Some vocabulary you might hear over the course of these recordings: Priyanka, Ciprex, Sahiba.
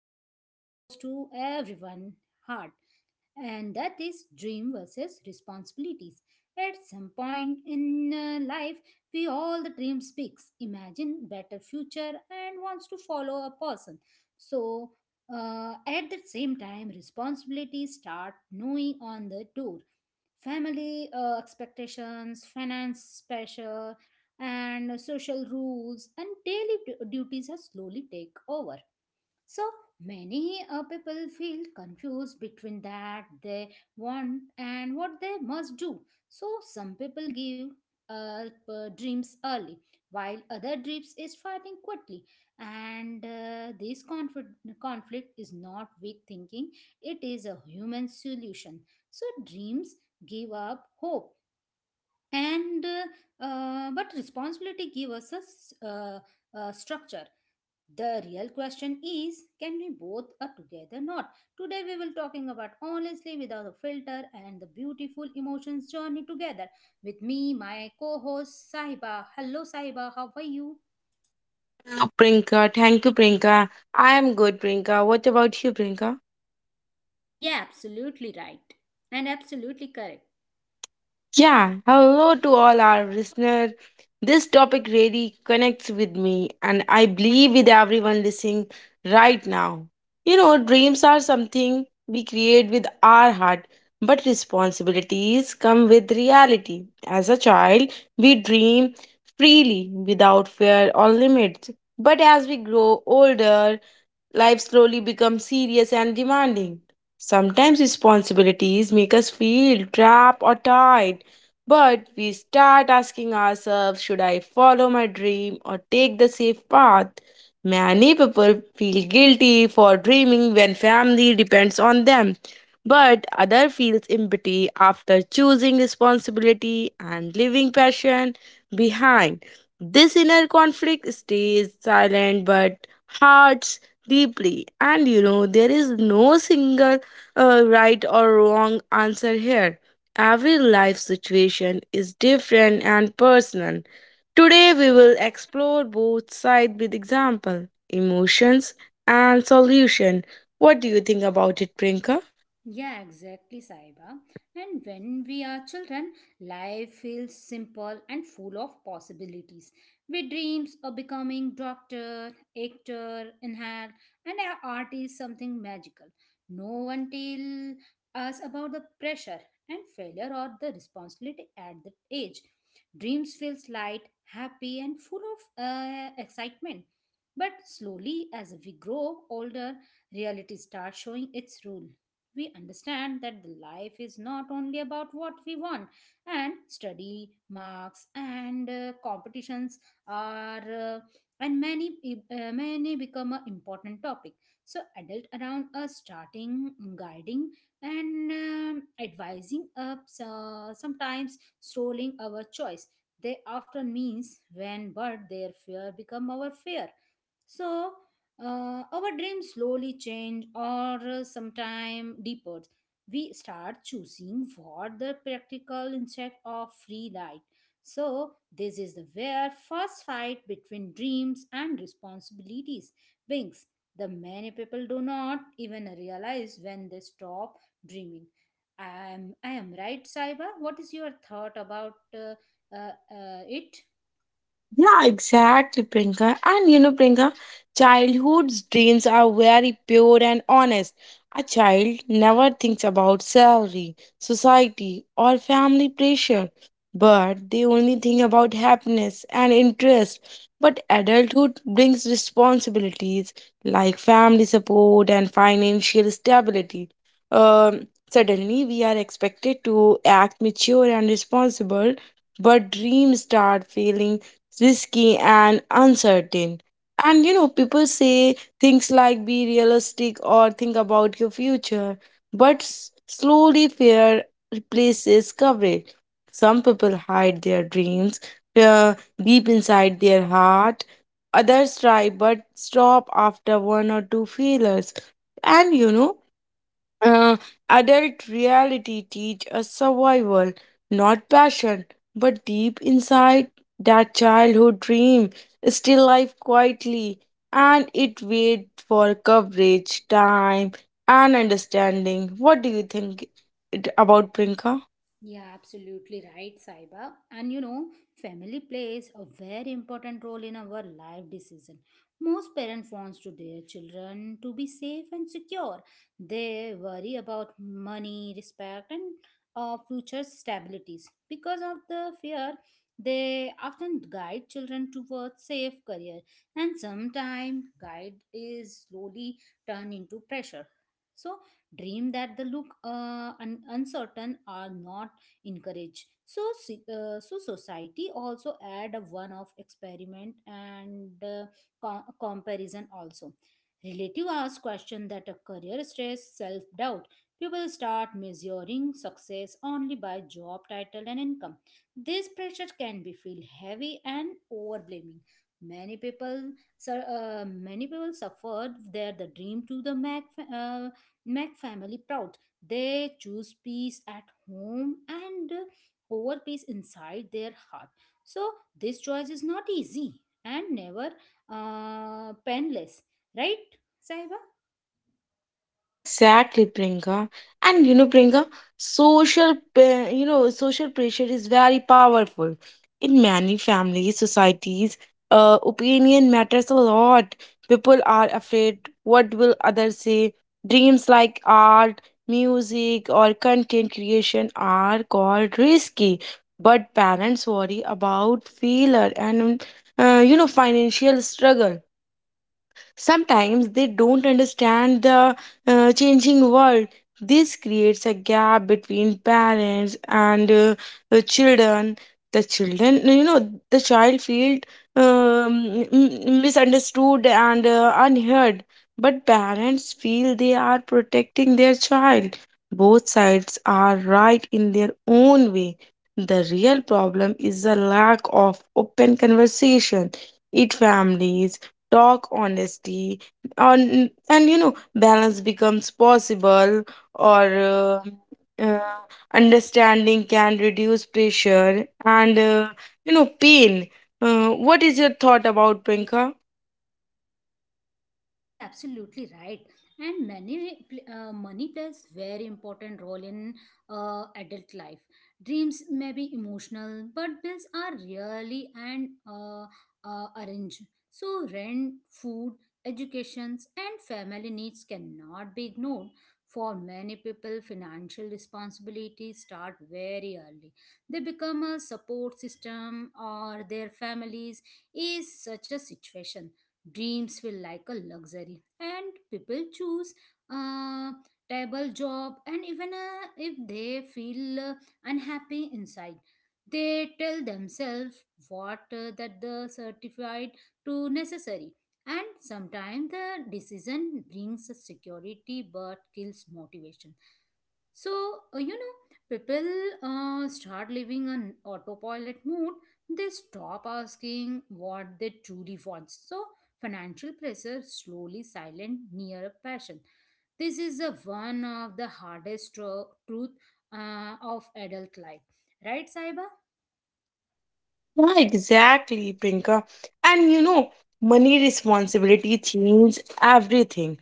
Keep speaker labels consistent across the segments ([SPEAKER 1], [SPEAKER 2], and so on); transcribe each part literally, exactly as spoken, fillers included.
[SPEAKER 1] is very close to everyone heart and that is dream versus responsibilities. At some point in uh, life, we all the dream speaks, imagine better future and wants to follow a person. So uh, at the same time, responsibilities start knowing on the door family uh, expectations, finance pressure, and social rules and daily du- duties have slowly take over. So many uh, people feel confused between that they want and what they must do. So some people give up uh, dreams early, while other dreams is fighting quickly. And uh, this conflict, conflict is not weak thinking; it is a human solution. So dreams give up hope, and uh, uh, but responsibility give us a s- uh, uh, structure. The real question is can we both are together not? Today we will talking about honestly without a filter and the beautiful emotions journey together with me my co-host Sahiba. Hello Sahiba, how are you?
[SPEAKER 2] Oh, Prinka. thank you, Prinka. I am good, Prinka. What about you, Prinka?
[SPEAKER 1] Yeah, absolutely right and absolutely correct.
[SPEAKER 2] Yeah, hello to all our listeners. This topic really connects with me, and I believe with everyone listening right now. You know, dreams are something we create with our heart, but responsibilities come with reality. As a child, we dream freely without fear or limits. But as we grow older, Life slowly becomes serious and demanding. Sometimes responsibilities make us feel trapped or tied, but we start asking ourselves, should I follow my dream or take the safe path? Many people feel guilty for dreaming when family depends on them, but other feels empty after choosing responsibility and leaving passion behind. This inner conflict stays silent but hard deeply. And you know, there is no single uh, right or wrong answer here. Every life situation is different and personal. Today, we will explore both sides with example, emotions, and solution. What do you think about it, Prinka?
[SPEAKER 1] Yeah, exactly, Saiba. And when we are children, life feels simple and full of possibilities. We dreams of becoming doctor, actor, engineer, and an artist, something magical. No one tell us about the pressure and failure or the responsibility at that age. Dreams feels light, happy, and full of uh, excitement. But slowly, as we grow older, reality starts showing its rule we understand that the life is not only about what we want and study marks and uh, competitions are uh, and many uh, many become an important topic so adult around us starting guiding and um, advising us uh, sometimes strolling our choice they often means when but their fear become our fear so uh, our dreams slowly change or uh, sometime deeper. We start choosing what the practical instead of free light. So this is the where first fight between dreams and responsibilities begins. The many people do not even realize when they stop dreaming. I am, I am right, Saiba. What is your thought about uh, uh, uh, it?
[SPEAKER 2] Yeah, exactly, Priyanka. And you know, Priyanka, childhood's dreams are very pure and honest. A child never thinks about salary, society, or family pressure, but they only think about happiness and interest. But adulthood brings responsibilities like family support and financial stability. Um, suddenly, we are expected to act mature and responsible, but dreams start feeling risky and uncertain. And you know, people say things like be realistic or think about your future, but s- slowly fear replaces coverage. Some people hide their dreams uh, deep inside their heart, others try but stop after one or two failures. And you know, uh, adult reality teach us survival, not passion, but deep inside that childhood dream still live quietly, and it wait for coverage, time, and understanding. What do you think it- about Prinka?
[SPEAKER 1] Yeah, absolutely right, Saiba. And you know, family plays a very important role in our life decision. Most parents wants to their children to be safe and secure. They worry about money, respect, and uh, future stabilities. Because of the fear, they often guide children towards safe career, and sometimes guide is slowly turned into pressure. So, dream that the look uh, un- uncertain are not encourage so si- uh, so society also add a one of experiment and uh, co- comparison also relative ask question that a career stress self doubt people start measuring success only by job title and income this pressure can be feel heavy and overblaming many people sur- uh, many people suffered their the dream to the mac fa- uh, mac family proud they choose peace at home and uh, over peace inside their heart. So this choice is not easy and never uh, painless, right, Saiba?
[SPEAKER 2] Yeah, exactly, Priyanka. And you know, Priyanka, social, pe- you know, social pressure is very powerful. In many families, societies, uh, opinion matters a lot. People are afraid what will others say. Dreams like art, music, or content creation are called risky. But parents worry about failure and, uh, you know, financial struggle. Sometimes they don't understand the uh, changing world. This creates a gap between parents and uh, uh, children. The children, you know, the child feels um, m- misunderstood and uh, unheard, but parents feel they are protecting their child. Both sides are right in their own way. The real problem is the lack of open conversation. It families talk honesty on, and you know balance becomes possible, or uh, uh, understanding can reduce pressure and uh, you know pain uh, What is your thought about Prinka?
[SPEAKER 1] Yeah, absolutely right. And money pl- uh, money plays very important role in uh, adult life. Dreams may be emotional, but bills are really and uh, uh, arranged. So rent, food, educations, and family needs cannot be ignored. For many people, financial responsibilities start very early. They become a support system, or their families is such a situation dreams feel like a luxury and people choose a table job and even uh, if they feel uh, unhappy inside they tell themselves what uh, that the certified to necessary and sometimes the decision brings security but kills motivation so, uh, you know, people uh, start living an autopilot mode. They stop asking what they truly want. So, financial pressure slowly silent near a passion. This is the one of the hardest tru- truth uh, of adult life, right, Saiba?
[SPEAKER 2] Yeah, exactly, Prinka. And you know, money responsibility changes everything.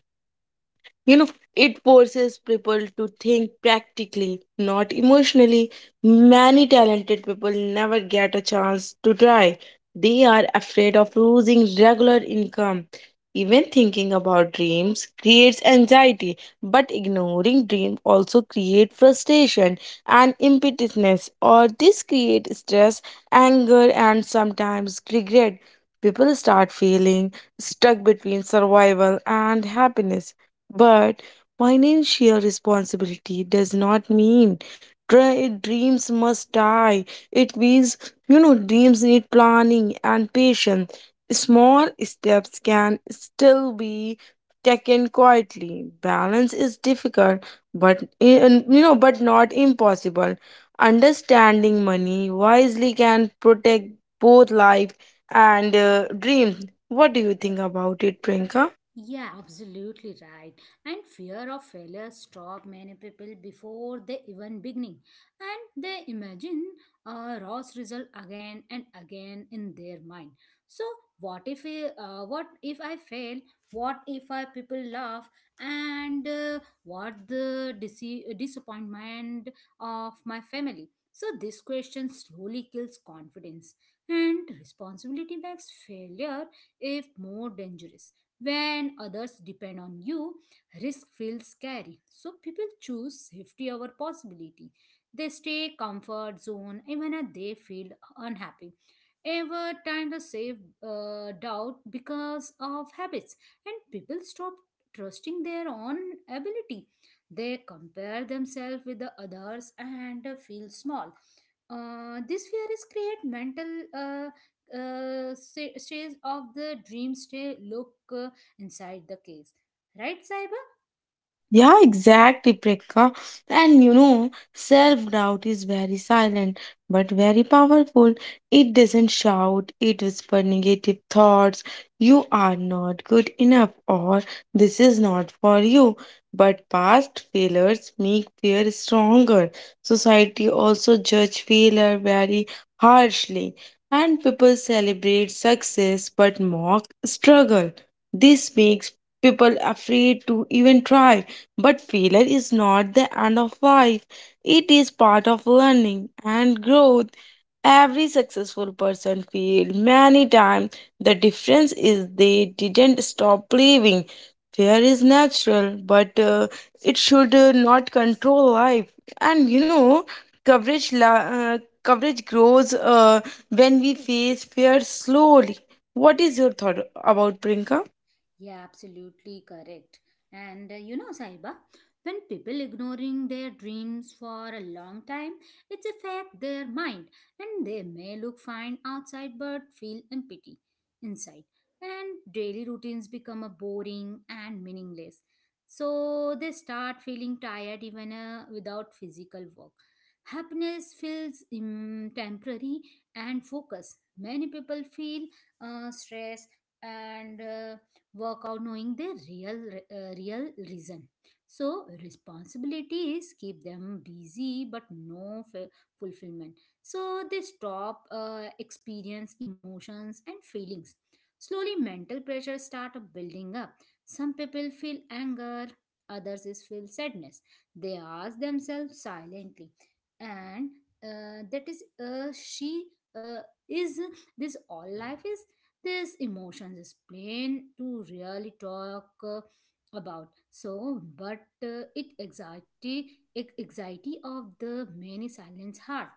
[SPEAKER 2] You know, it forces people to think practically, not emotionally. Many talented people never get a chance to try. They are afraid of losing regular income. Even thinking about dreams creates anxiety, but ignoring dreams also create frustration and impetuousness, or this create stress, anger, and sometimes regret. People start feeling stuck between survival and happiness. But financial responsibility does not mean dre- dreams must die. It means, you know, dreams need planning and patience. Small steps can still be taken quietly. Balance is difficult, but in, you know, but not impossible. Understanding money wisely can protect both life and uh, dreams. What do you think about it, Prinka?
[SPEAKER 1] Yeah, absolutely right. And fear of failure stop many people before they even beginning, and they imagine a Ross result again and again in their mind. So what if I, uh, what if I fail? What if I people laugh? And uh, what the dece- disappointment of my family? So this question slowly kills confidence, and responsibility makes failure if more dangerous. When others depend on you, risk feels scary. So people choose safety over possibility. They stay comfort zone even if they feel unhappy. Ever trying to save uh, doubt because of habits, and people stop trusting their own ability. They compare themselves with the others and feel small. Uh, this fear is create mental uh, uh, sta- stage of the dream state look uh, inside the case. Right, Sahiba?
[SPEAKER 2] Yeah, exactly, Priyanka. And you know, self doubt is very silent but very powerful. It doesn't shout, it whispers negative thoughts. You are not good enough, or this is not for you. But past failures make fear stronger. Society also judge failure very harshly, and people celebrate success but mock struggle. This makes people afraid to even try. But failure is not the end of life, it is part of learning and growth. Every successful person failed many times. The difference is they didn't stop believing. Fear is natural, but uh, it should uh, not control life. And you know, coverage la- uh, coverage grows uh, when we face fear slowly. What is your thought about Prinka?
[SPEAKER 1] Yeah, absolutely correct. And uh, you know, Saiba, when people ignoring their dreams for a long time, it's affect their mind, and they may look fine outside but feel empty inside. And daily routines become a boring and meaningless. So they start feeling tired even uh, without physical work. Happiness feels um, temporary and focus. Many people feel uh, stress and uh, work out knowing their real uh, real reason so responsibilities keep them busy but no f- fulfillment so they stop uh, experience emotions and feelings slowly mental pressure start building up some people feel anger others is feel sadness they ask themselves silently and uh, that is uh, she uh, is this all life is these emotions is plain to really talk uh, about. So, but uh, it anxiety, ex- anxiety of the many silence heart.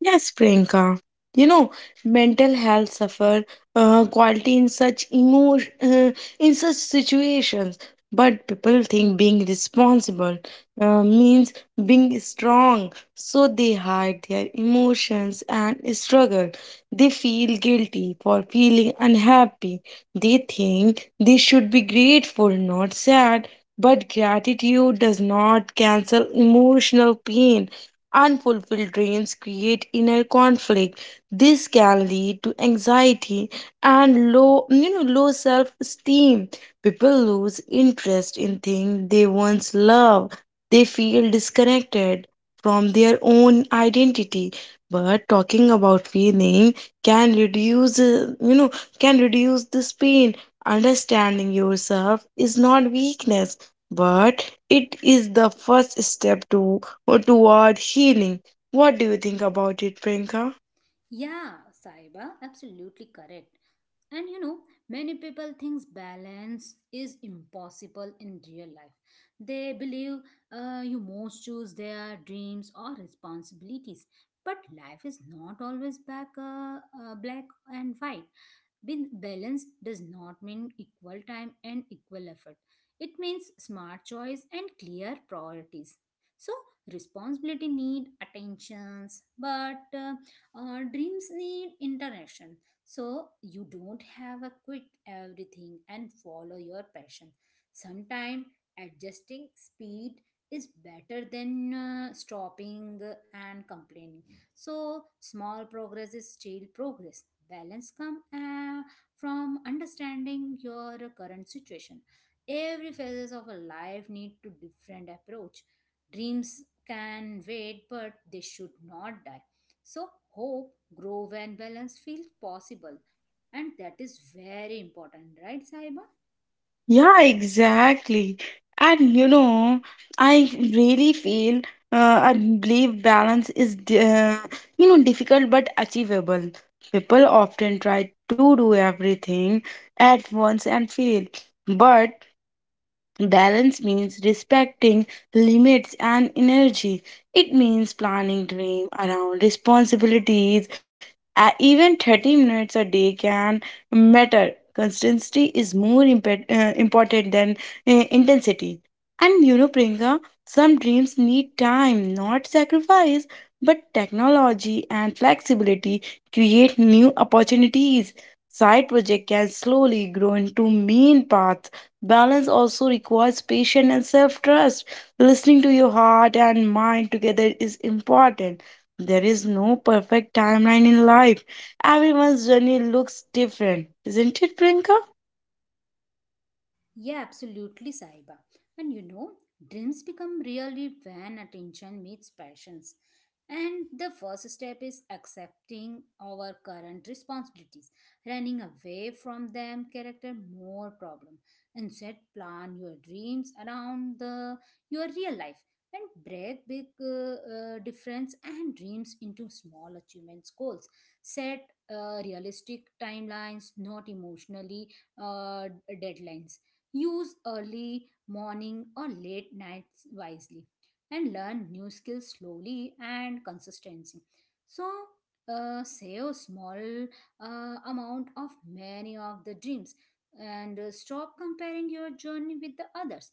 [SPEAKER 2] Yes, Priyanka. You know, mental health suffer uh, quality in such emotion, uh, in such situations. But people think being responsible uh, means being strong, so they hide their emotions and struggle. They feel guilty for feeling unhappy. They think they should be grateful, not sad. But gratitude does not cancel emotional pain. Unfulfilled dreams create inner conflict. This can lead to anxiety and low, you know, low self-esteem. People lose interest in things they once loved. They feel disconnected from their own identity. But talking about feeling can reduce, uh, you know, can reduce this pain. Understanding yourself is not weakness, but it is the first step or toward healing. What do you think about it, Priyanka?
[SPEAKER 1] Yeah, Saiba, absolutely correct. And you know, many people thinks balance is impossible in real life. They believe uh, you must choose their dreams or responsibilities. But life is not always back, uh, uh, black and white. Bin- Balance does not mean equal time and equal effort. It means smart choice and clear priorities. So responsibility need attentions, but uh, uh, dreams need interaction. So you don't have a quick everything and follow your passion. Sometimes adjusting speed is better than uh, stopping and complaining. So, small progress is still progress. Balance come uh, from understanding your current situation. Every phases of a life need to different approach. Dreams can wait, but they should not die. So, hope, grow, and balance feels possible, and that is very important, right, Saiba?
[SPEAKER 2] Yeah, exactly. And you know, I really feel uh, I believe balance is di- uh, you know difficult but achievable. People often try to do everything at once and fail. But Balance means respecting limits and energy. It means planning dream around responsibilities. Uh, even thirty minutes a day can matter. Consistency is more impa- uh, important than uh, intensity. And you know, Priyanka, some dreams need time, not sacrifice. But technology and flexibility create new opportunities. Side project can slowly grow into main path. Balance also requires patience and self trust. Listening to your heart and mind together is important. There is no perfect timeline in life. Everyone's journey looks different, isn't it, Priyanka?
[SPEAKER 1] Yeah, absolutely, Saiba. And you know, dreams become really when attention meets passions. And the first step is accepting our current responsibilities. Running away from them character more problem. Instead, plan your dreams around the your real life and break big uh, uh, difference and dreams into small achievements goals. Set uh, realistic timelines, not emotionally uh, deadlines. Use early morning or late nights wisely and learn new skills slowly and consistency. So, uh, save a small uh, amount of many of the dreams and uh, stop comparing your journey with the others.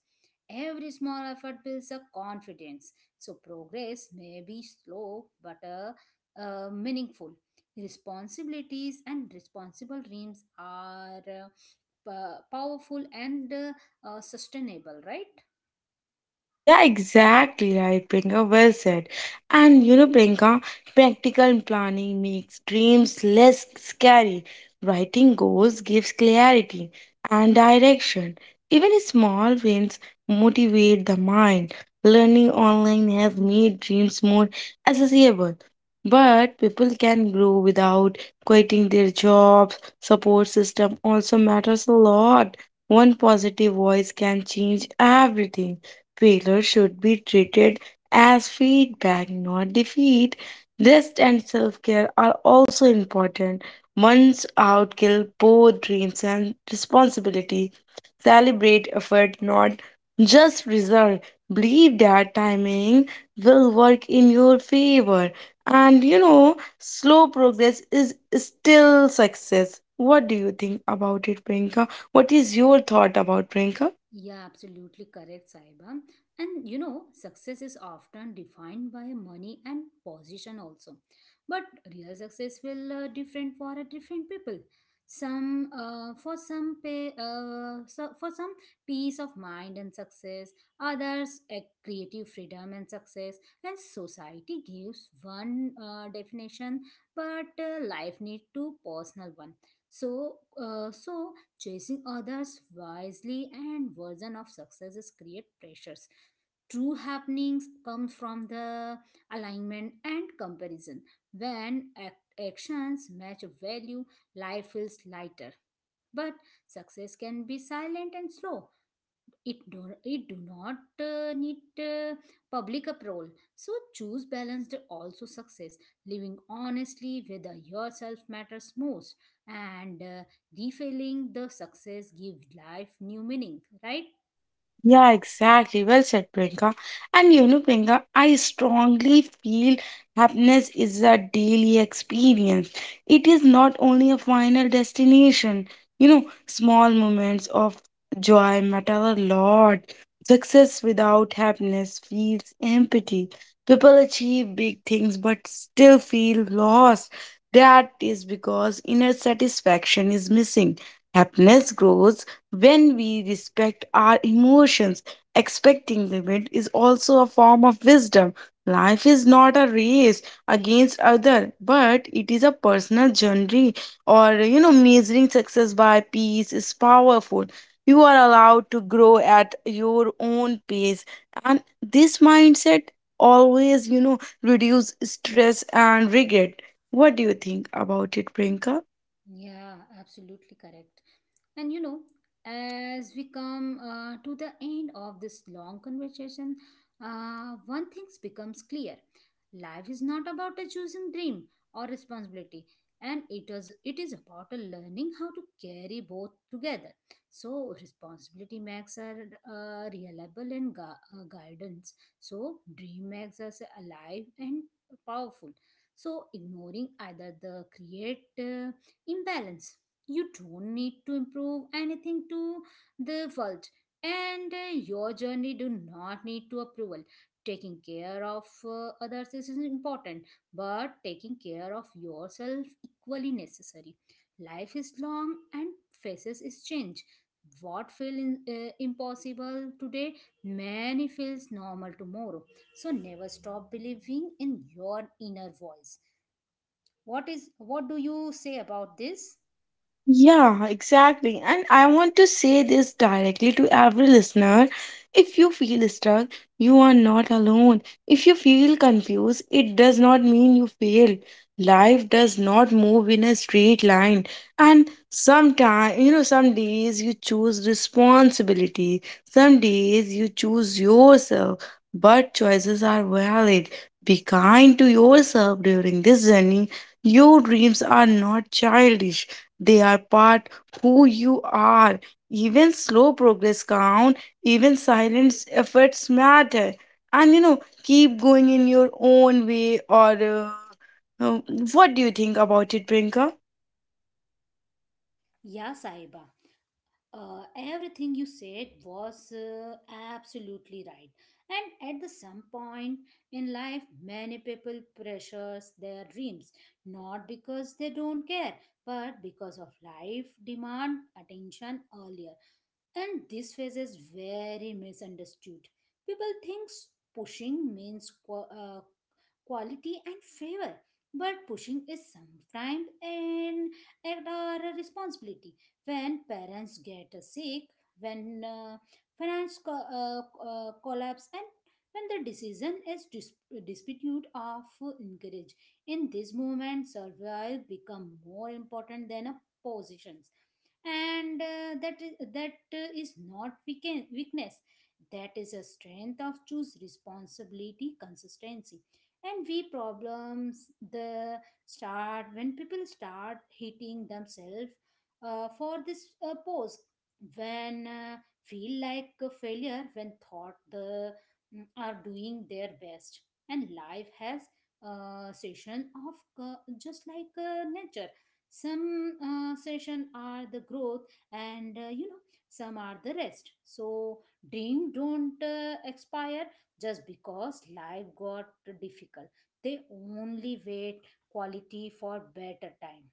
[SPEAKER 1] Every small effort builds a confidence. So, progress may be slow but uh, uh, meaningful. Responsibilities and responsible dreams are. Uh, pa- powerful and uh, uh, sustainable right.
[SPEAKER 2] Yeah, exactly right, Priyanka. Well said. And you know, Priyanka, practical planning makes dreams less scary. Writing goals gives clarity and direction. Even small wins motivate the mind. Learning online has made dreams more accessible. But people can grow without quitting their jobs. Support system also matters a lot. One positive voice can change everything. Failure should be treated as feedback, not defeat. Rest and self care are also important. Months out kill both dreams and responsibility. Celebrate effort, not just result. Believe that timing will work in your favor. And you know, slow progress is still success. What do you think about it, Priyanka? What is your thought about Priyanka?
[SPEAKER 1] Yeah, absolutely correct, Saiba. And you know, success is often defined by money and position also. But real success will uh, different for a different people. Some uh, for some pay uh, so for some peace of mind and success, others a creative freedom and success. And society gives one uh, definition, but uh, life need to personal one. So uh, so chasing others wisely and version of successes create pressures. True happenings come from the alignment and comparison. When ac- actions match value, life feels lighter. But success can be silent and slow it do it do not uh, need uh, public approval so choose balanced also success living honestly whether yourself matters most and uh, refilling the success give life new meaning right.
[SPEAKER 2] Yeah, exactly. Well said, Priyanka. And you know, Priyanka, I strongly feel happiness is a daily experience. It is not only a final destination. You know, small moments of joy matter a lot. Success without happiness feels empty. People achieve big things but still feel lost. That is because inner satisfaction is missing. Happiness grows when we respect our emotions, expecting limit is also a form of wisdom. Life is not a race against other, but it is a personal journey. Or you know, measuring success by peace is powerful. You are allowed to grow at your own pace, and this mindset always you know reduce stress and regret. What do you think about it, Priyanka?
[SPEAKER 1] Yeah, absolutely correct. And you know, as we come uh, to the end of this long conversation, uh, one thing becomes clear. Life is not about a choosing dream or responsibility, and it is it is about a learning how to carry both together. So responsibility makes us uh, reliable and gu- uh, guidance. So dream makes us alive and powerful. So ignoring either the create uh, imbalance. You don't need to improve anything to the world, and uh, your journey do not need to approval. Taking care of uh, others is important, but taking care of yourself equally necessary. Life is long and faces is change. What feels uh, impossible today, many feels normal tomorrow. So never stop believing in your inner voice. What is what do you say about this?
[SPEAKER 2] Yeah, exactly. And I want to say this directly to every listener. If you feel stuck, you are not alone. If you feel confused, it does not mean you failed. Life does not move in a straight line. And sometimes, you know, some days you choose responsibility, some days you choose yourself. But choices are valid. Be kind to yourself during this journey. Your dreams are not childish. They are part who you are. Even slow progress count, even silent efforts matter. And you know, keep going in your own way or uh, uh, what do you think about it, Prinka?
[SPEAKER 1] Yeah, Saiba. Uh, everything you said was uh, absolutely right. And at the some point in life, many people pressures their dreams not because they don't care, but because of life demand attention earlier. And this phase is very misunderstood. People thinks pushing means qu- uh, quality and favor but pushing is sometimes an act or a responsibility when parents get sick when uh, finance co- uh, uh, collapse and when the decision is dis- disputed of encourage in this moment survival become more important than a positions and uh, that is, that uh, is not weaken- weakness. That is a strength of choose responsibility consistency and we problems the start when people start hitting themselves uh, for this uh, pose when uh, feel like a failure when thought the mm, are doing their best. And life has a session of uh, just like uh, nature. Some uh, session are the growth and uh, you know some are the rest. So dream don't uh, expire just because life got difficult. They only wait quality for better time,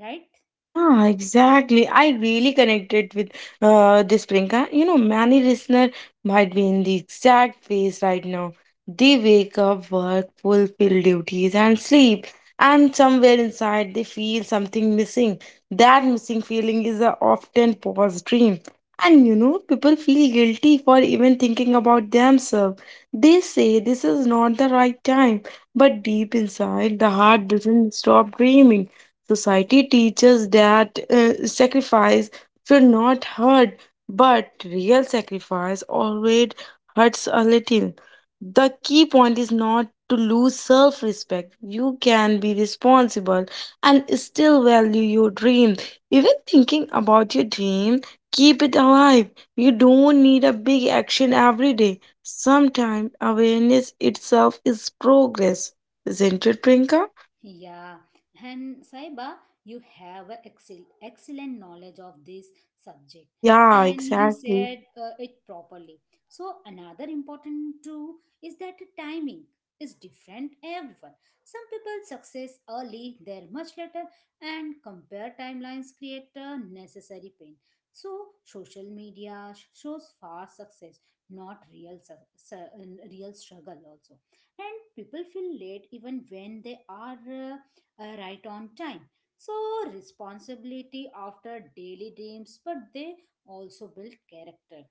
[SPEAKER 1] right?
[SPEAKER 2] Ah, exactly. I really connected with uh, this Priyanka. You know, many listener might be in the exact phase right now. They wake up, work, fulfill duties, and sleep. And somewhere inside, they feel something missing. That missing feeling is a often paused dream. And you know, people feel guilty for even thinking about themselves. They say this is not the right time. But deep inside, the heart doesn't stop dreaming. Society teaches that uh, sacrifice should not hurt, but real sacrifice always hurts a little. The key point is not to lose self respect. You can be responsible and still value your dream. Even thinking about your dream, keep it alive. You don't need a big action every day. Sometimes awareness itself is progress. Isn't it, Prinka?
[SPEAKER 1] Yeah, and Saiba, you have a excel excellent knowledge of this subject,
[SPEAKER 2] Yeah,
[SPEAKER 1] and you
[SPEAKER 2] exactly.
[SPEAKER 1] said uh, it properly. So another important too is that the timing is different everyone. Some people success early, they're much later, and compare timelines create a necessary pain. So social media sh- shows fast success, not real su- su- real struggle also and people feel late even when they are uh, uh, right on time. So, responsibility after daily dreams, but they also build character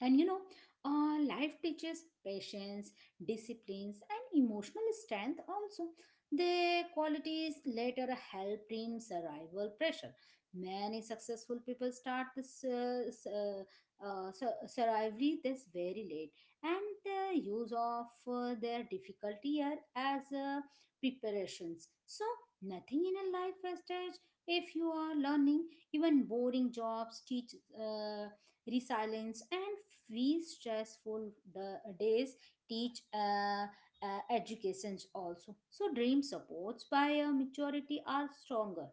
[SPEAKER 1] and you know uh, life teaches patience disciplines and emotional strength also the qualities later help in survival pressure. Many successful people start this uh, s- uh, uh, sur- survival this very late and the use of uh, their difficulty year as uh, preparations. So nothing in a life as such if you are learning. Even boring jobs teach uh, resilience and free stressful da- days teach uh, uh, educations also so dream supports by a majority are stronger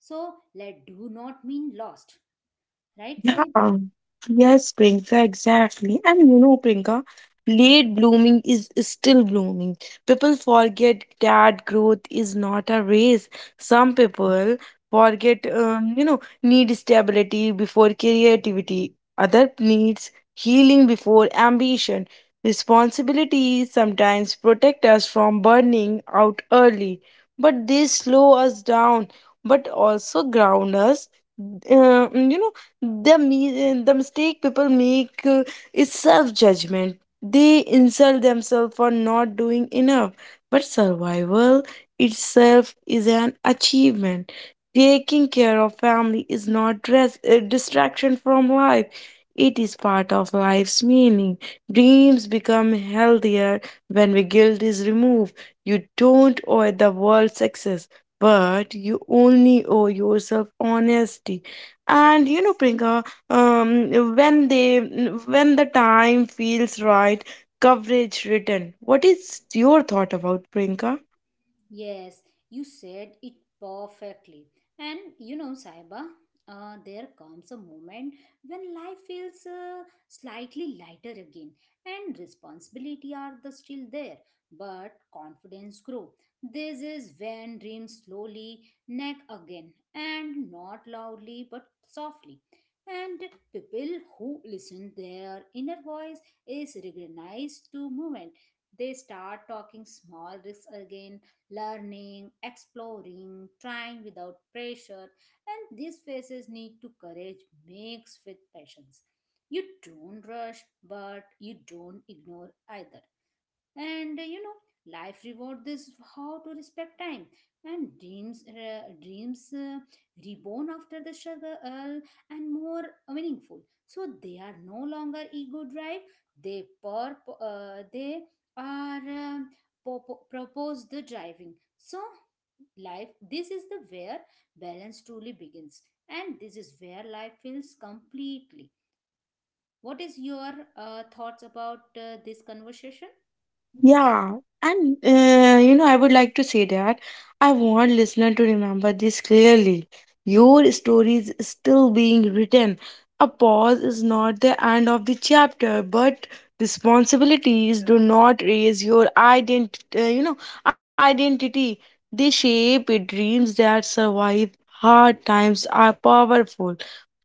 [SPEAKER 1] so let do not mean lost, right sai?
[SPEAKER 2] Yeah, yes, Priyanka, exactly. And you know, Priyanka, late blooming is still blooming. People forget that growth is not a race. Some people forget, um, you know, need stability before creativity. Other needs healing before ambition. Responsibilities sometimes protect us from burning out early, but they slow us down, but also ground us. Uh, you know the me- the mistake people make uh, is self judgment. They insult themselves for not doing enough, but survival itself is an achievement. Taking care of family is not dress- uh, distraction from life. It is part of life's meaning. Dreams become healthier when the guilt is removed. You don't owe the world success, but you only owe yourself honesty. And you know Prinka, um, when they when the time feels right, coverage written. What is your thought about Prinka?
[SPEAKER 1] Yes, you said it perfectly. And you know, Saiba, uh, there comes a moment when life feels uh, slightly lighter again, and responsibility are the still there, but confidence grow. This is when dreams slowly neck again, and not loudly but softly. And people who listen their inner voice is recognized to movement. They start talking small risks again, learning, exploring, trying without pressure, and these phases need to courage mixed with patience. You don't rush, but you don't ignore either and uh, you know life reward this how to respect time and dreams uh, dreams uh, reborn after the struggle and more meaningful so they are no longer ego drive. They per uh, they are um, propo- proposed the driving. So life this is the where balance truly begins and this is where life feels completely. What is your uh, thoughts about uh, this conversation?
[SPEAKER 2] Yeah, and uh, you know, I would like to say that I want listener to remember this clearly. Your story is still being written. A pause is not the end of the chapter, but responsibilities do not raise your ident. Uh, you know, identity. They shape it. Dreams that survive hard times are powerful.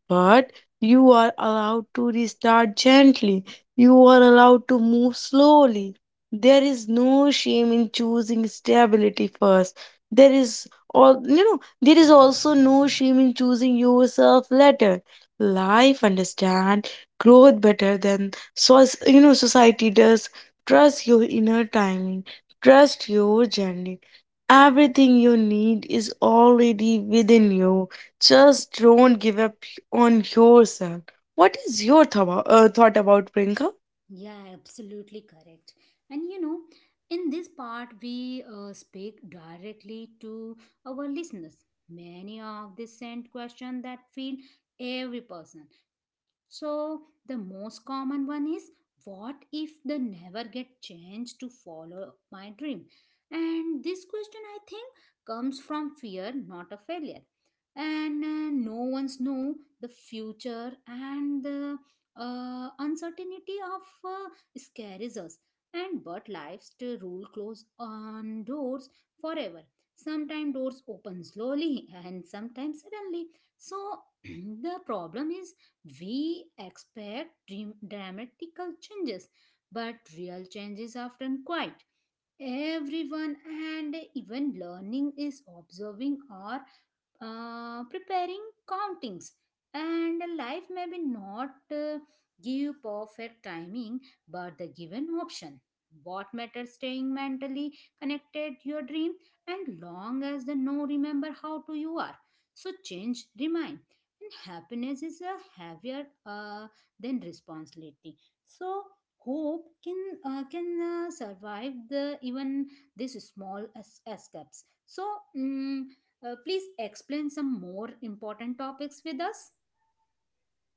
[SPEAKER 2] But you are allowed to restart gently. You are allowed to move slowly. There is no shame in choosing stability first. There is all you know, there is also no shame in choosing yourself later. Life understand growth better than so you know society does. Trust your inner timing. Trust your journey. Everything you need is already within you. Just don't give up on yourself. What is your thou- uh, thought about Prinka?
[SPEAKER 1] Yeah, absolutely correct. And you know, in this part, we uh, speak directly to our listeners. Many of the sent questions that feel every person, so, the most common one is what if the never get chance to follow my dream? And this question, I think, comes from fear, not a failure. And uh, no one's know the future and the uh, uncertainty of uh, scares us. And but life's to rule close on doors forever. Sometimes doors open slowly and sometimes suddenly. So the problem is we expect dream- dramatical changes, but real changes often quiet. Everyone and even learning is observing or uh, preparing countings and life may be not uh, give perfect timing but the given option. What matters staying mentally connected to your dream and long as the no remember how to you are so change remind and happiness is a heavier uh, than responsibility so hope can uh, can uh, survive the even these small es- escapes so mm uh, please explain some more important topics with us.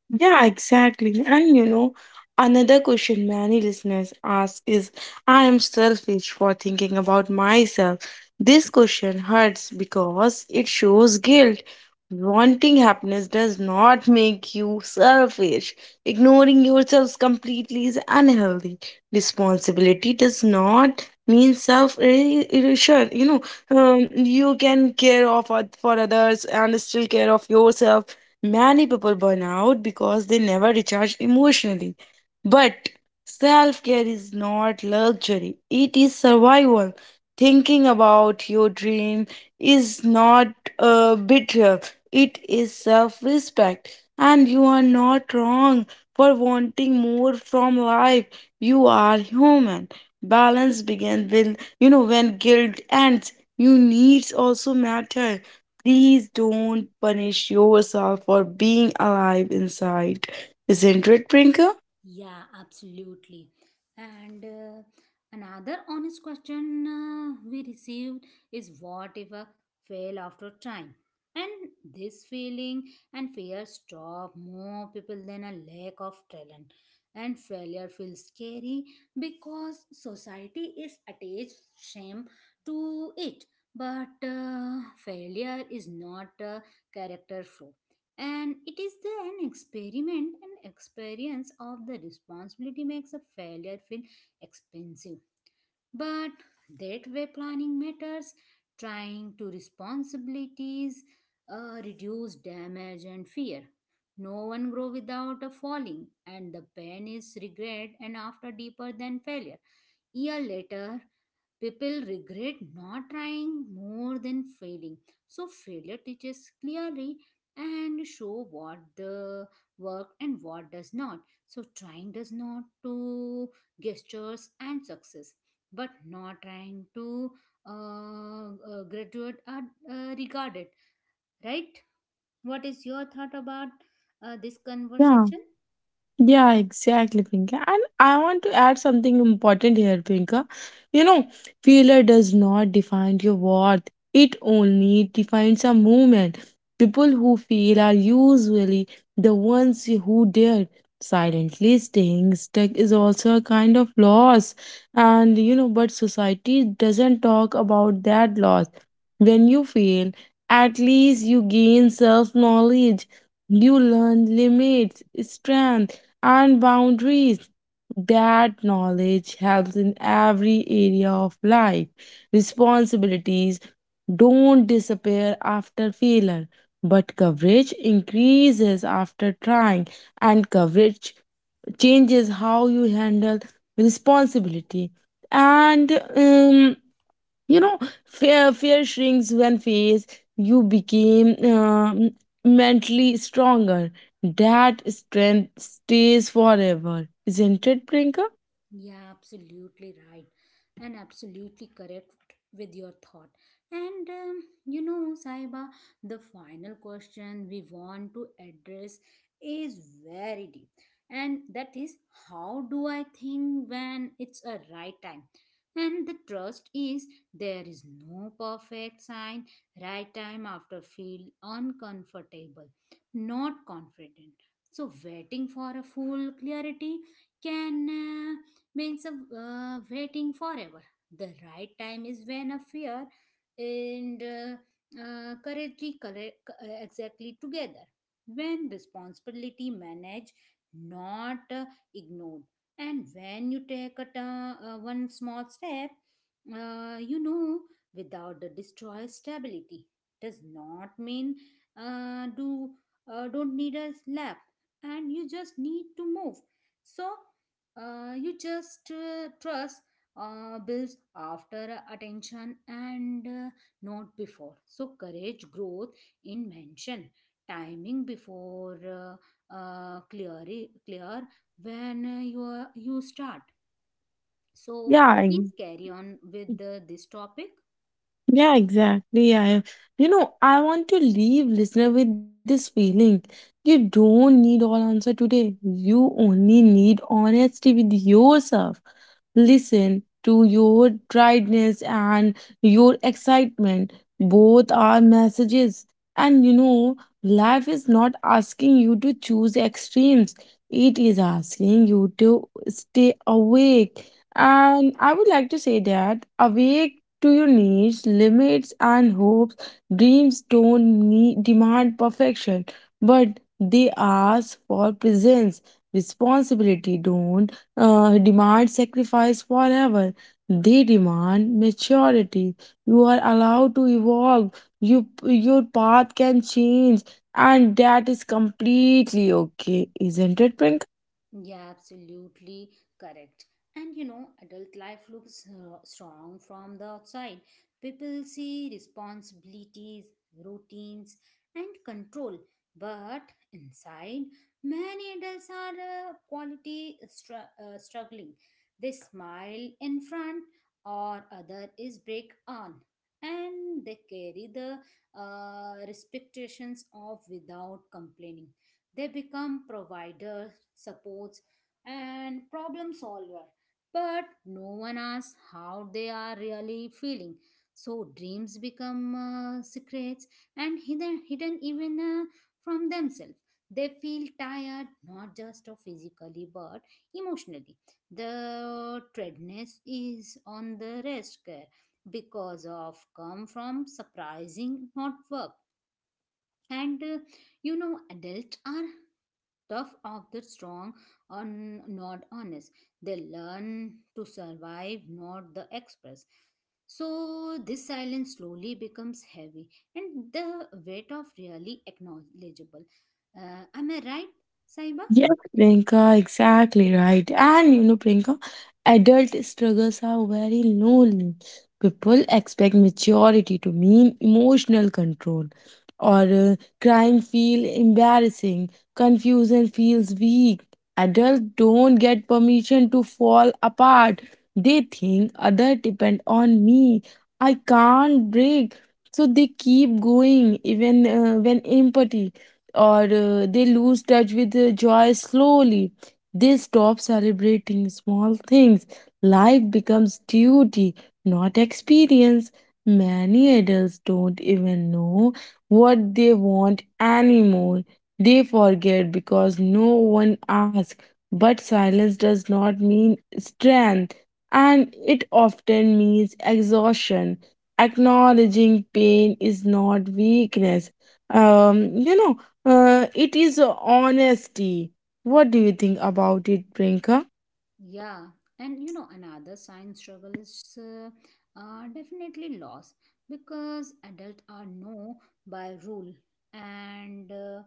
[SPEAKER 2] Yeah, exactly. And you know, another question many listeners ask is I am selfish for thinking about myself. This question hurts because it shows guilt. Wanting happiness does not make you selfish. Ignoring yourself completely is unhealthy. Responsibility does not mean self erasure. You know, um, you can care of oth- for others and still care of yourself. Many people burn out because they never recharge emotionally. But self care is not luxury, it is survival. Thinking about your dream is not a betrayal, it is self respect. And you are not wrong for wanting more from life. You are human. Balance begins with, you know, when guilt ends. Your needs also matter. Please don't punish yourself for being alive inside. Isn't it, Prinka?
[SPEAKER 1] Yeah, absolutely. And uh, another honest question uh, we received is what if I fail after trying? And this feeling and fear stop more people than a lack of talent. And failure feels scary because society is attached shame to it. But uh, failure is not a character flaw. And it is the an experiment and experience of the responsibility makes a failure feel expensive. But that way planning matters, trying to responsibilities, uh, reduce damage and fear. No one grow without a falling, and the pain is regret and after deeper than failure. Year later, people regret not trying more than failing. So failure teaches clearly and show what the work and what does not. So trying does not to gestures and success but not trying to uh, uh, graduate are uh, regarded, right? What is your thought about uh, this
[SPEAKER 2] Yeah,
[SPEAKER 1] conversation?
[SPEAKER 2] Yeah, exactly, Pinka. And I want to add something important here, Pinka. You know, failure does not define your worth, it only defines a movement. People who fail are usually the ones who dare. Silently staying stuck is also a kind of loss. And you know, but society doesn't talk about that loss. When you fail, at least you gain self knowledge. You learn limits, strength and boundaries. That knowledge helps in every area of life. Responsibilities don't disappear after failure, but coverage increases after trying, and coverage changes how you handle responsibility. And um, you know, fear fear shrinks when faced. You became um, mentally stronger. That strength stays forever, isn't it, Prinka?
[SPEAKER 1] Yeah, absolutely right and absolutely correct with your thought. And um, you know, Saiba, the final question we want to address is very deep, and that is how do I think when it's a right time? And the trust is there is no perfect sign, right time after feel uncomfortable, not confident. So, waiting for a full clarity can. Uh, means uh, waiting forever. The right time is when a fear and uh, uh, correctly correct, uh, exactly together. When responsibility managed, not uh, ignored, and when you take a turn, uh, one small step, uh, you know, without the destroy stability does not mean uh, do uh, don't need a slap, and you just need to move. So uh, you just uh, trust uh, builds after attention and uh, not before so courage growth in mention timing before uh, uh, clear clear when uh, you are, you start so
[SPEAKER 2] Yeah, e-
[SPEAKER 1] please carry on with uh, this topic.
[SPEAKER 2] yeah, exactly. I, You know, I want to leave listener with this feeling. You don't need all answer today. You only need honesty with yourself. Listen to your tiredness and your excitement. Both are messages. And you know, life is not asking you to choose extremes, it is asking you to stay awake. And I would like to say that awake to your needs, limits, and hopes. Dreams don't need, demand perfection, but they ask for presence. Responsibility don't uh, demand sacrifice forever. They demand maturity. You are allowed to evolve. You, your path can change, and that is completely okay, isn't it, Prinka?
[SPEAKER 1] Yeah, absolutely correct. And you know, adult life looks uh, strong from the outside. People see responsibilities, routines, and control. But inside, many adults are uh, quality str- uh, struggling. They smile in front, or other is break on, and they carry the uh, respectations of without complaining. They become providers supports, and problem solver. But no one asks how they are really feeling. So dreams become uh, secrets and hidden, hidden even uh, from themselves. They feel tired not just of physically but emotionally. The tiredness is on the rest care because of come from surprising not work and uh, you know adults are tough of the strong or n- not honest. They learn to survive not the express so this silence slowly becomes heavy and the weight of really acknowledgeable, uh, am I right, saiba?
[SPEAKER 2] Yes, Priyanka, exactly right. And you know, Priyanka, adult struggles are very lonely. People expect maturity to mean emotional control, or uh, crying feel embarrassing, confusion feels weak. Adults don't get permission to fall apart. They think other depend on me. I can't break, so they keep going even uh, when empathy or uh, they lose touch with the joy slowly. They stop celebrating small things. Life becomes duty, not experience. Many adults don't even know what they want anymore. They forget because no one asks. But silence does not mean strength, and it often means exhaustion. Acknowledging pain is not weakness, um you know uh, it is honesty. What do you think about it, Priyanka?
[SPEAKER 1] Yeah, and you know, another sign struggle is uh, uh, definitely loss because adults are no by rule, and uh,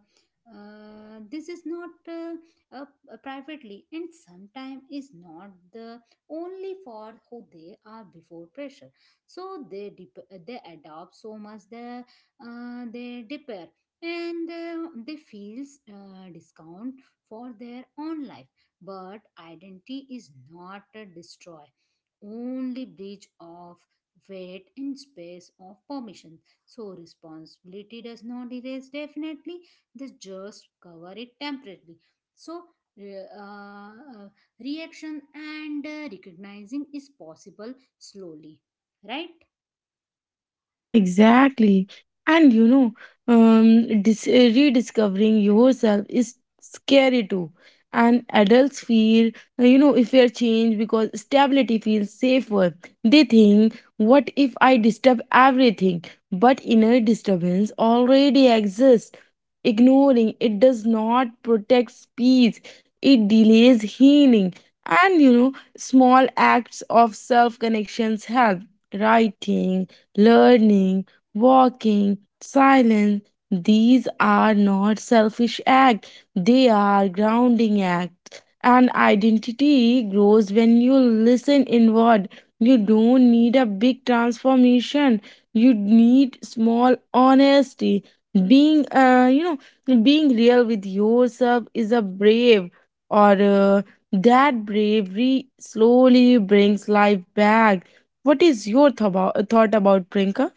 [SPEAKER 1] uh, this is not uh, uh, privately, and sometimes is not the only for who they are before pressure. So they dep- uh, they adopt so much the uh, they differ, and uh, they feels uh, discount for their own life but identity is not a destroy, only breach of weight in space of permission. So responsibility does not erase definitely, they just cover it temporarily. So re- uh, uh, reaction and uh, recognizing is possible slowly, right?
[SPEAKER 2] Yeah, exactly. And you know, um, dis- uh, rediscovering yourself is scary too. And adults feel, uh, you know, if fear change because stability feels safer. They think, what if I disturb everything? But inner disturbance already exists. Ignoring it does not protect peace, it delays healing. And you know, small acts of self connections help. Writing, learning, walking, silence. These are not selfish acts, they are grounding acts. And identity grows when you listen inward. You don't need a big transformation. You need small honesty. Being, uh, you know, being real with yourself is a brave, or uh, that bravery slowly brings life back. What is your thobo- thought about Prinka?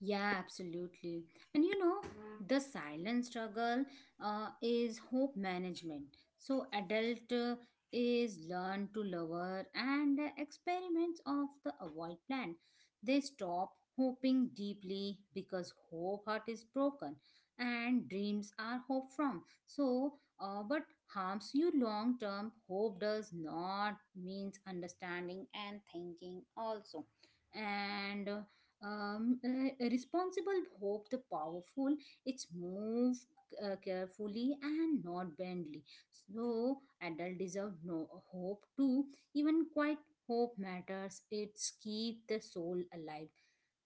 [SPEAKER 1] Yeah, absolutely. And you know, the silent struggle uh, is hope management. So, adult uh, is learn to lower and uh, experiments of the avoid plan. They stop hoping deeply because hope heart is broken and dreams are hope from. So, uh, but harms you long term. Hope does not means understanding and thinking also and uh, um, uh, responsible hope the powerful. It's move uh, carefully and not blindly. So adult deserve no hope too. Even quiet hope matters. It's keep the soul alive.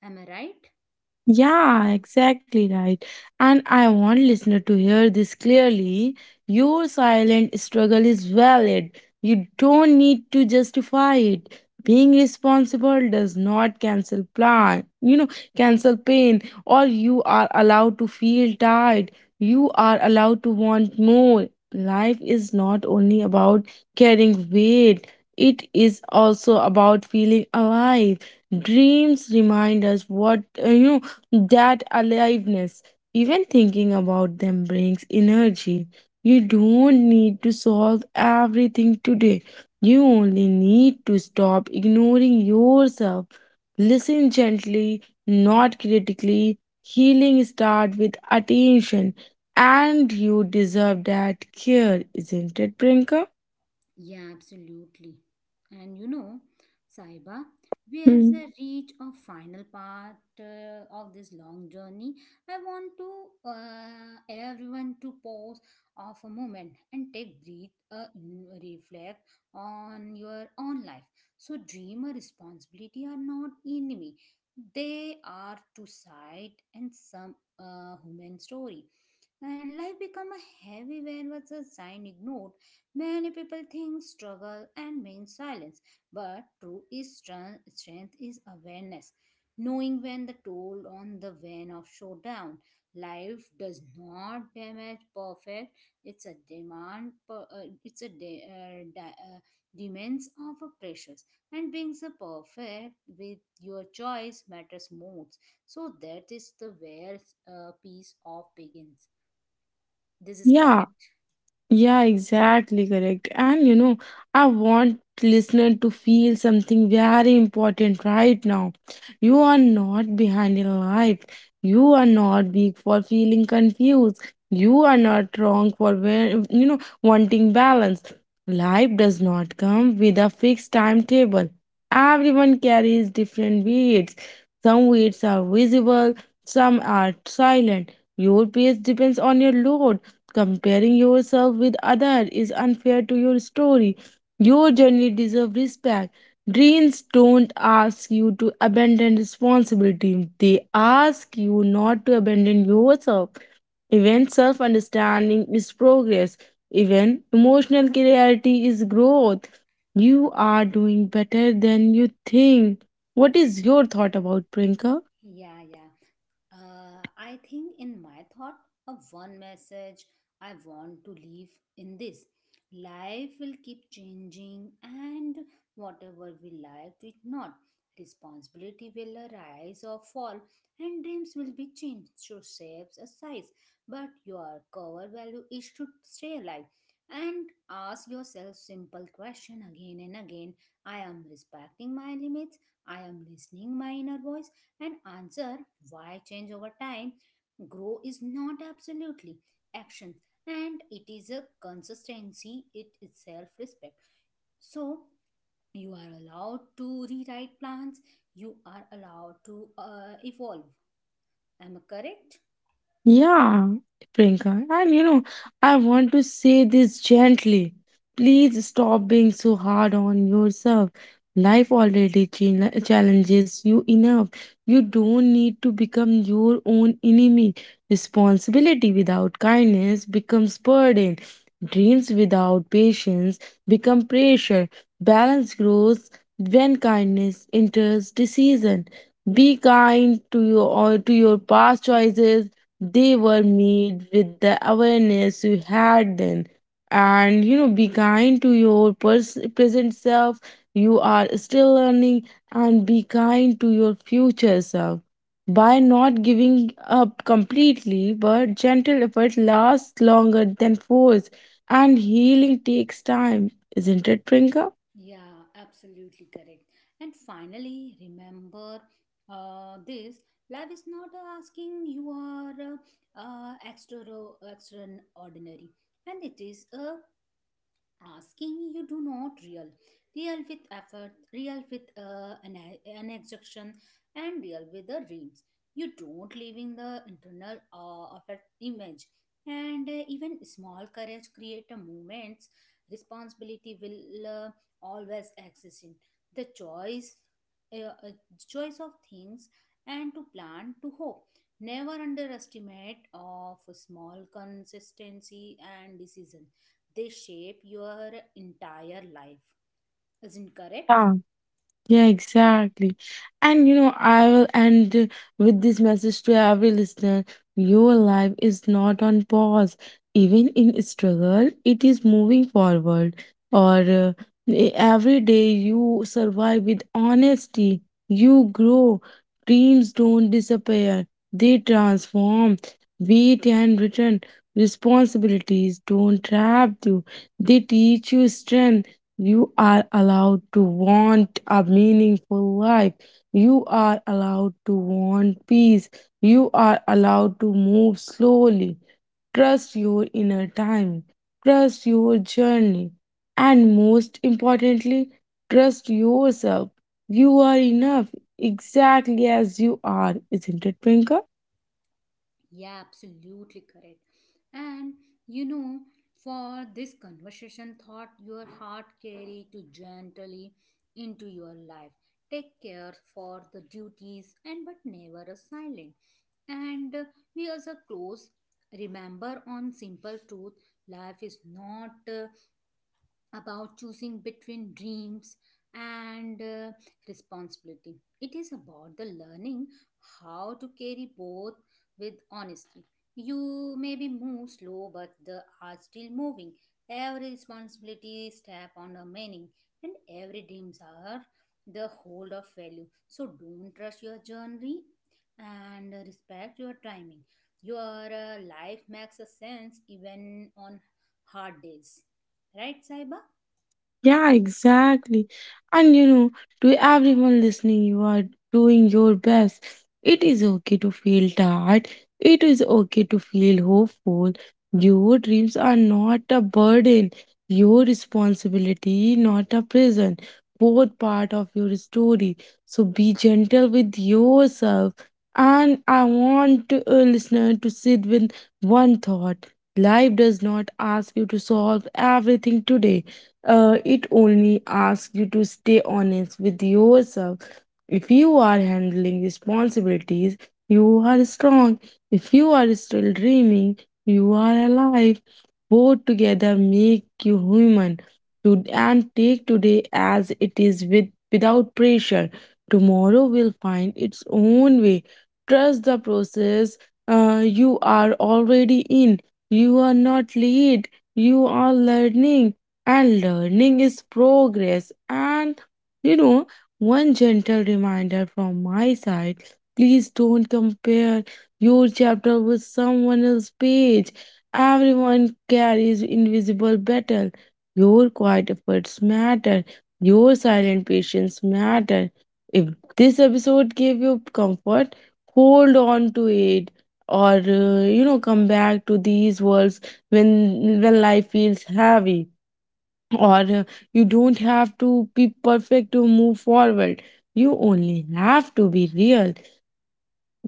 [SPEAKER 1] Am I right?
[SPEAKER 2] Yeah, exactly right. And I want listener to hear this clearly. Your silent struggle is valid. You don't need to justify it. Being responsible does not cancel plan, you know, cancel pain, or you are allowed to feel tired. You are allowed to want more. Life is not only about carrying weight, it is also about feeling alive. Dreams remind us what uh, you know that aliveness. Even thinking about them brings energy. You don't need to solve everything today. You only need to stop ignoring yourself. Listen gently, not critically. Healing starts with attention, and you deserve that care, isn't it, Prinka?
[SPEAKER 1] Yeah, absolutely. And you know, Saiba, where's
[SPEAKER 2] Hmm.
[SPEAKER 1] the reach or final part uh, of this long journey? I want to uh, everyone to pause off a moment and take breathe, uh, in- reflect on your own life. So, dream or responsibility are not enemy; they are to side and some uh, human story and life become a heavy when was a sign ignored. Many people think struggle and mean silence but true is strength, strength is awareness knowing when the toll on the vein of showdown. Life does not damage perfect. It's a demand per- uh, it's a de- uh, di- uh, demands of a precious and being so perfect with your choice matters most so that is the where uh, piece of begins. This is
[SPEAKER 2] Yeah,
[SPEAKER 1] correct.
[SPEAKER 2] Yeah, exactly correct. And you know, I want listener to feel something very important right now. You are not behind in life. You are not weak for feeling confused. You are not wrong for where you know wanting balance. Life does not come with a fixed timetable. Everyone carries different weights. Some weights are visible, some are silent. Your pace depends on your load. Comparing yourself with others is unfair to your story. Your journey deserves respect. Dreams don't ask you to abandon responsibility, they ask you not to abandon yourself. Even self understanding is progress, even emotional clarity is growth. You are doing better than you think. What is your thought about Prinka?
[SPEAKER 1] Yeah, yeah. Uh, I think in my thought, a one message I want to leave in this. Life will keep changing, and whatever we liked it not. Responsibility will arise or fall, and dreams will be changed to shapes or size. But your core value is to stay alive. And ask yourself simple question again and again. I am respecting my limits. I am listening my inner voice. And answer, why change over time? Grow is not absolutely action, and it is a consistency, it is self-respect. So you are allowed to rewrite plans, you are allowed to uh, evolve. Am I correct?
[SPEAKER 2] Yeah, Priyanka. And you know, I want to say this gently. Please stop being so hard on yourself. Life already chal- challenges you enough. You don't need to become your own enemy. Responsibility without kindness becomes burden. Dreams without patience become pressure. Balance grows when kindness enters decision. Be kind to your or to your past choices, they were made with the awareness you had then. And you know, be kind to your pers- present self. You are still learning, and be kind to your future self. By not giving up completely, but gentle effort lasts longer than force, and healing takes time. Isn't it, Priyanka?
[SPEAKER 1] Yeah, absolutely correct. And finally remember, uh, this life is not asking you are uh, uh, extra extraordinary, and it is a asking you do not real, real with effort, real with uh, an, an execution, and real with the dreams. You don't live in the internal uh, of an image, and uh, even small courage create a moments. Responsibility will uh, always exist in the choice, uh, uh, choice of things, and to plan, to hope. Never underestimate of small consistency and decision, they shape your entire life. Isn't correct?
[SPEAKER 2] Yeah. Yeah, exactly. And you know, I will end uh, with this message to every listener. Your life is not on pause. Even in struggle, it is moving forward. Or uh, e- every day you survive with honesty, you grow. Dreams don't disappear, they transform. Weight and return responsibilities don't trap you, they teach you strength. You are allowed to want a meaningful life. You are allowed to want peace. You are allowed to move slowly. Trust your inner time. Trust your journey. And most importantly, trust yourself. You are enough exactly as you are, isn't it, Prinka?
[SPEAKER 1] Yeah, absolutely correct. And you know, for this conversation thought your heart carry to gently into your life. Take care for the duties and but never a silent. And uh, we as a close, remember on simple truth. Life is not uh, about choosing between dreams and uh, responsibility. It is about the learning how to carry both with honesty. You maybe move slow, but the are still moving. Every responsibility step on a meaning, and every dreams are the hold of value. So don't rush your journey and respect your timing. Your uh, life makes a sense even on hard days, right, Saiba?
[SPEAKER 2] Yeah, exactly. And you know, to everyone listening, you are doing your best. It is okay to feel tired. It is okay to feel hopeful. Your dreams are not a burden, your responsibility, not a prison. Both part of your story. So be gentle with yourself. And I want to, a listener to sit with one thought. Life does not ask you to solve everything today, uh, it only asks you to stay honest with yourself. If you are handling responsibilities, you are strong. If you are still dreaming, you are alive. Both together make you human. To, and take today as it is with, without pressure. Tomorrow will find its own way. Trust the process uh, you are already in. You are not late. You are learning. And learning is progress. And you know, one gentle reminder from my side, please don't compare your chapter with someone else's page. Everyone carries invisible battle. Your quiet efforts matter, your silent patience matter. If this episode gave you comfort, hold on to it, or uh, you know, come back to these words when when life feels heavy, or uh, you don't have to be perfect to move forward. You only have to be real.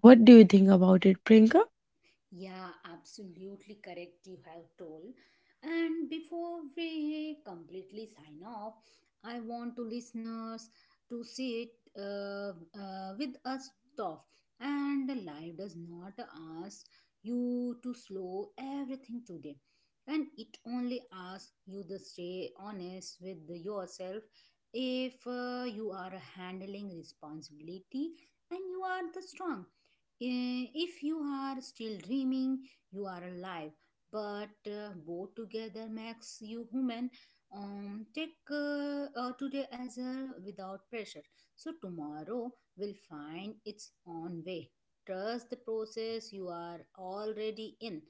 [SPEAKER 2] What do you think about it, Prinka?
[SPEAKER 1] Yeah, absolutely correct. You have told. And before we completely sign off, I want to listeners to sit uh, uh, with us tough, and the life does not ask you to slow everything today. And it only asks you to stay honest with yourself. If uh, you are handling responsibility and you are the strong. Eh, if you are still dreaming, you are alive. But uh, both together makes you human. Um, take uh, uh, today as a without pressure. So tomorrow will find its own way. Trust the process you are already in,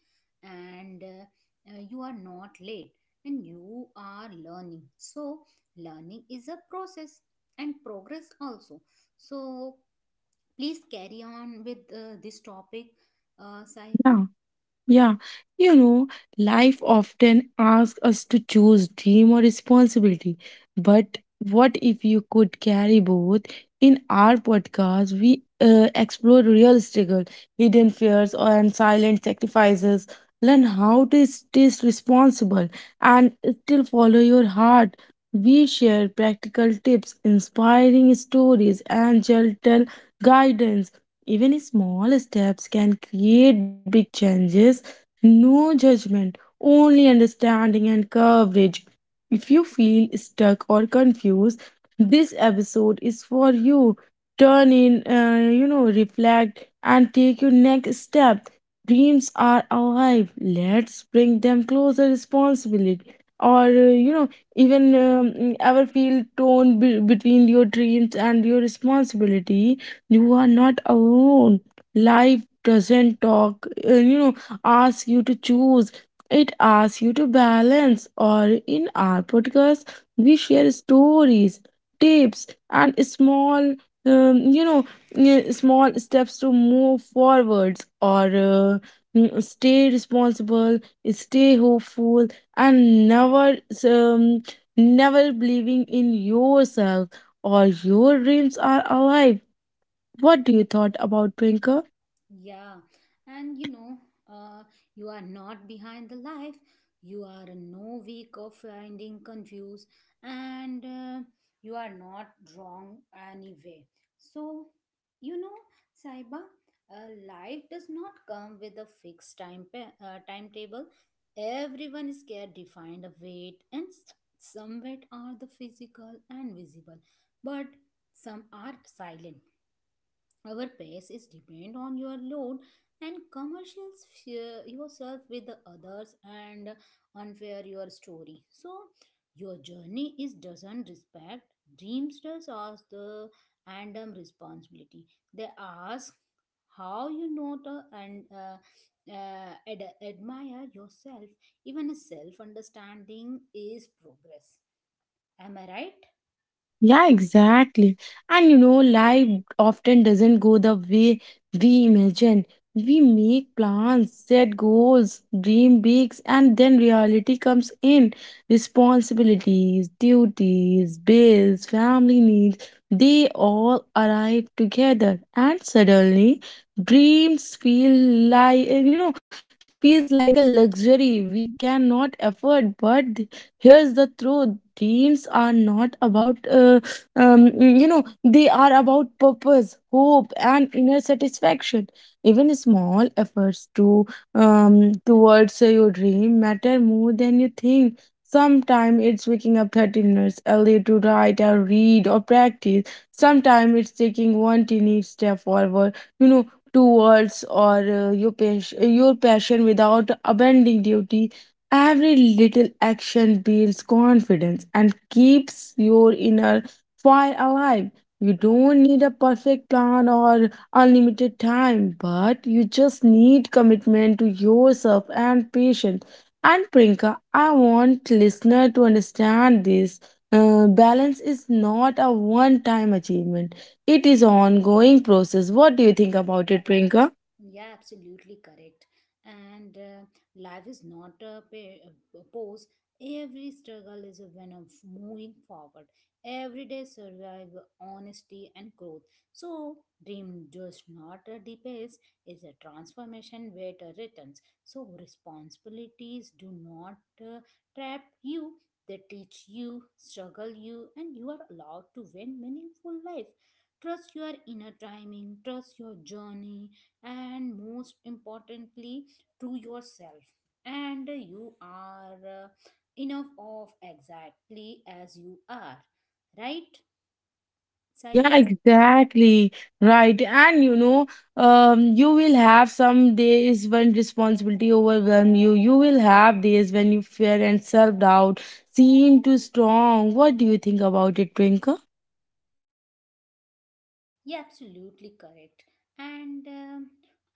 [SPEAKER 1] and uh, uh, you are not late. And you are learning. So learning is a process and progress also. So please carry on with uh, this topic, uh, Saiba.
[SPEAKER 2] Yeah. Yeah, you know, life often asks us to choose dream or responsibility. But what if you could carry both? In our podcast, we uh, explore real struggle, hidden fears, and silent sacrifices. Learn how to stay responsible and still follow your heart. We share practical tips, inspiring stories, and gentle guidance. Even small steps can create big changes, no judgment, only understanding and coverage. If you feel stuck or confused, this episode is for you. Turn in, uh, you know, reflect and take your next step. Dreams are alive. Let's bring them closer responsibility. Or, uh, you know, even um, ever feel torn be- between your dreams and your responsibility. You are not alone. Life doesn't talk, uh, you know asks you to choose. It asks you to balance. Or in our podcast, we share stories, tips, and small, um, you know, uh, small steps to move forwards or uh, mm, stay responsible, stay hopeful, and never, um, never believing in yourself or your dreams are alive. What do you thought about Twinkle?
[SPEAKER 1] Yeah, and you know, uh, you are not behind the life. You are no weak of finding confused, and uh, you are not wrong anyway. So, you know, Saiba, uh, life does not come with a fixed time pa- uh, timetable. Everyone is scared defined a weight, and s- some weight are the physical and visible, but some are silent. Our pace is depend on your load, and commercials fear yourself with the others and unfair your story. So your journey is doesn't respect dreamsters ask the and, um, responsibility. They ask how you not uh, and uh, uh, ad- admire yourself. Even a self understanding is progress. Am I right?
[SPEAKER 2] Yeah, exactly. And you know, life often doesn't go the way we imagine. We make plans, set goals, dream big, and then reality comes in. Responsibilities, duties, bills, family needs, they all arrive together. And suddenly, dreams feel like, eh, you know, feels like a luxury we cannot afford. But here's the truth, dreams are not about uh, um, mm, you know they are about purpose, hope, and inner satisfaction. Even small efforts to um, towards your dream matter more than you think. Sometimes it's waking up thirty minutes early to write or read or practice. Sometimes it's taking one tiny step forward, you know towards or uh, your passion, your passion, without abandoning duty. Every little action builds confidence and keeps your inner while alive. You don't need a perfect plan or unlimited time, but you just need commitment to yourself and patience. And Prinka, I want listener to understand this. Uh, balance is not a one-time achievement. It is ongoing process. What do you think about it, Prinka?
[SPEAKER 1] Yeah, absolutely correct. And uh, life is not a pa- a pose. Every struggle is a when of moving forward. Every day survive honesty and growth. So dream just not a depays is a transformation where a returns. So responsibilities do not uh, trap you. They teach you, struggle you, and you are allowed to win meaningful life. Trust your inner timing. Trust your journey, and most importantly to yourself. And you are uh, enough of exactly as you are, right,
[SPEAKER 2] Yeah,
[SPEAKER 1] Saiba?
[SPEAKER 2] exactly. Right. And you know, um, you will have some days when responsibility overwhelm you. You will have days when you fear and self doubt seem too strong. What do you think about it, Prinka?
[SPEAKER 1] Yeah, absolutely correct. And, um,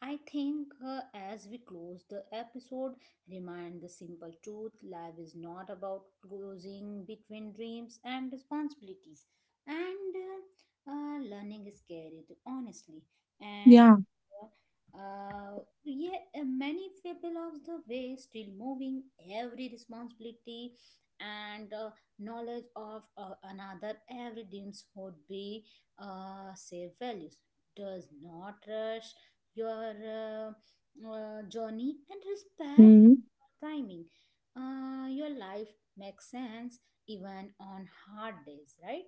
[SPEAKER 1] I think uh, as we close the episode, remind the simple truth. Life is not about closing between dreams and responsibilities, and uh, uh, learning is scary honestly. And
[SPEAKER 2] Yeah.
[SPEAKER 1] uh, yeah, uh, many people of the way still moving. Every responsibility and uh, knowledge of uh, another, every dreams would be uh, safe values. Does not rush your uh, uh, journey and respect
[SPEAKER 2] Mhm.
[SPEAKER 1] timing. Uh, your life makes sense even on hard days, right?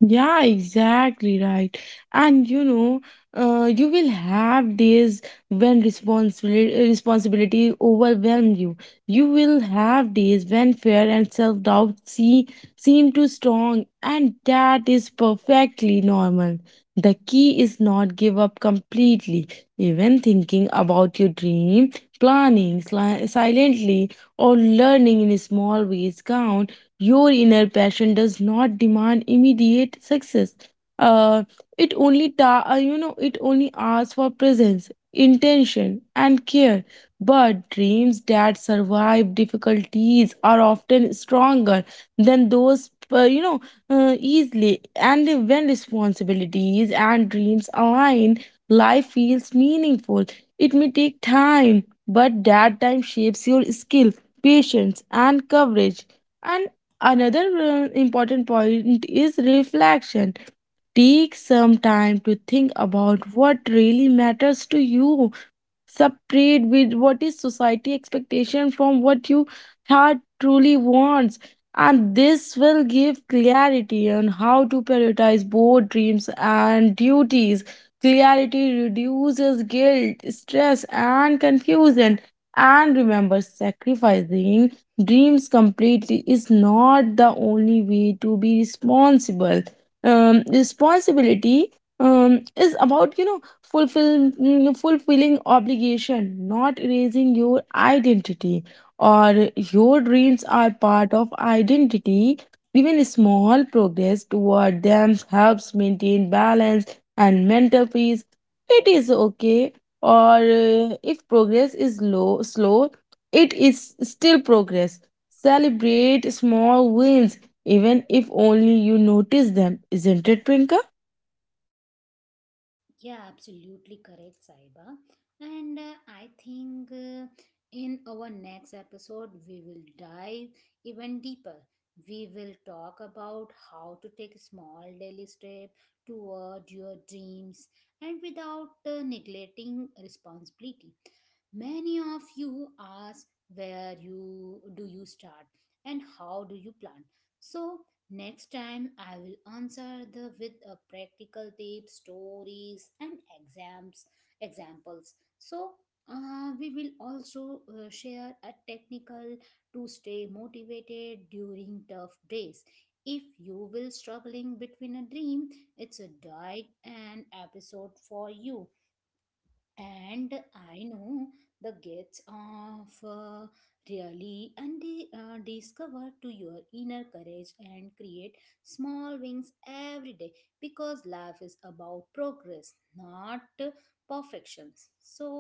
[SPEAKER 2] Yeah, exactly right. And you know, uh, you will have days when responsibility responsibility overwhelm you. You will have days when fear and self doubt see, seem too strong, and that is perfectly normal. The key is not give up completely. Even thinking about your dream, planning sli- silently, or learning in small ways count. Your inner passion does not demand immediate success. Uh, it only ta- uh, you know it only asks for presence, intention, and care. But dreams that survive difficulties are often stronger than those uh, you know uh, easily. And when responsibilities and dreams align, life feels meaningful. It may take time, but that time shapes your skill, patience, and courage. And another uh, important point is reflection. Take some time to think about what really matters to you, separate with what is society expectation from what you heart truly wants, and this will give clarity on how to prioritize both dreams and duties. Clarity reduces guilt, stress, and confusion. And remember, sacrificing dreams completely is not the only way to be responsible. Um, responsibility um, is about, you know, fulfill, mm, fulfilling obligation, not erasing your identity. Or your dreams are part of identity. Even small progress toward them helps maintain balance and mental peace. It is okay. Or uh, if progress is low, slow, it is still progress. Celebrate small wins, even if only you notice them, isn't it, Prinka?
[SPEAKER 1] Yeah, absolutely correct, Saiba. And uh, I think uh, in our next episode, we will dive even deeper. We will talk about how to take small daily step toward your dreams and without uh, neglecting responsibility. Many of you ask where you do you start and how do you plan. So next time, I will answer the with a practical tips, stories, and exams examples. So uh, we will also uh, share a technical to stay motivated during tough days. If you will struggling between a dream, it's a diet and episode for you. And I know the gates of uh, really and uh, discover to your inner courage and create small wings every day, because life is about progress not uh, perfections. so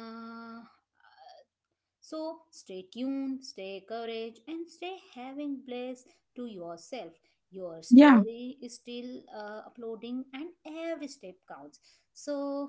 [SPEAKER 1] uh, so stay tuned, stay courage, and stay having bliss to yourself. Your
[SPEAKER 2] Yeah,
[SPEAKER 1] story is still uh, uploading, and every step counts. So,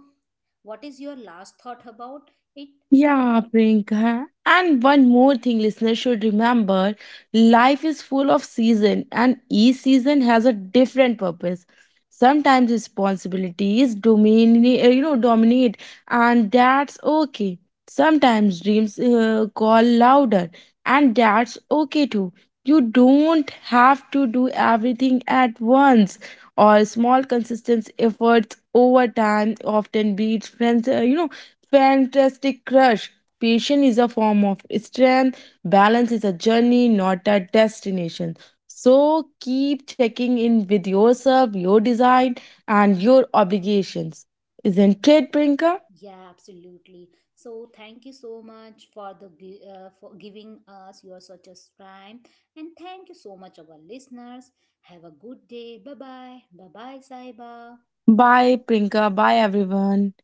[SPEAKER 1] what is your last thought about it, Saiba?
[SPEAKER 2] Yeah, Priyanka. And one more thing listeners should remember, life is full of season and each season has a different purpose. Sometimes responsibilities dominate, you know, dominate, and that's okay. Sometimes dreams uh, call louder, and that's okay too. You don't have to do everything at once, or small consistent efforts over time often beats friends, uh, you know fantastic crush. Patience is a form of strength. Balance is a journey, not a destination. So keep checking in with yourself, your design, and your obligations. Isn't it, Prinka?
[SPEAKER 1] Yeah, absolutely. So, thank you so much for the gi- uh, for giving us your such a time, and thank you so much, our listeners. Have a good day. Bye bye. Bye bye, Saiba.
[SPEAKER 2] Bye, Prinka. Bye, everyone.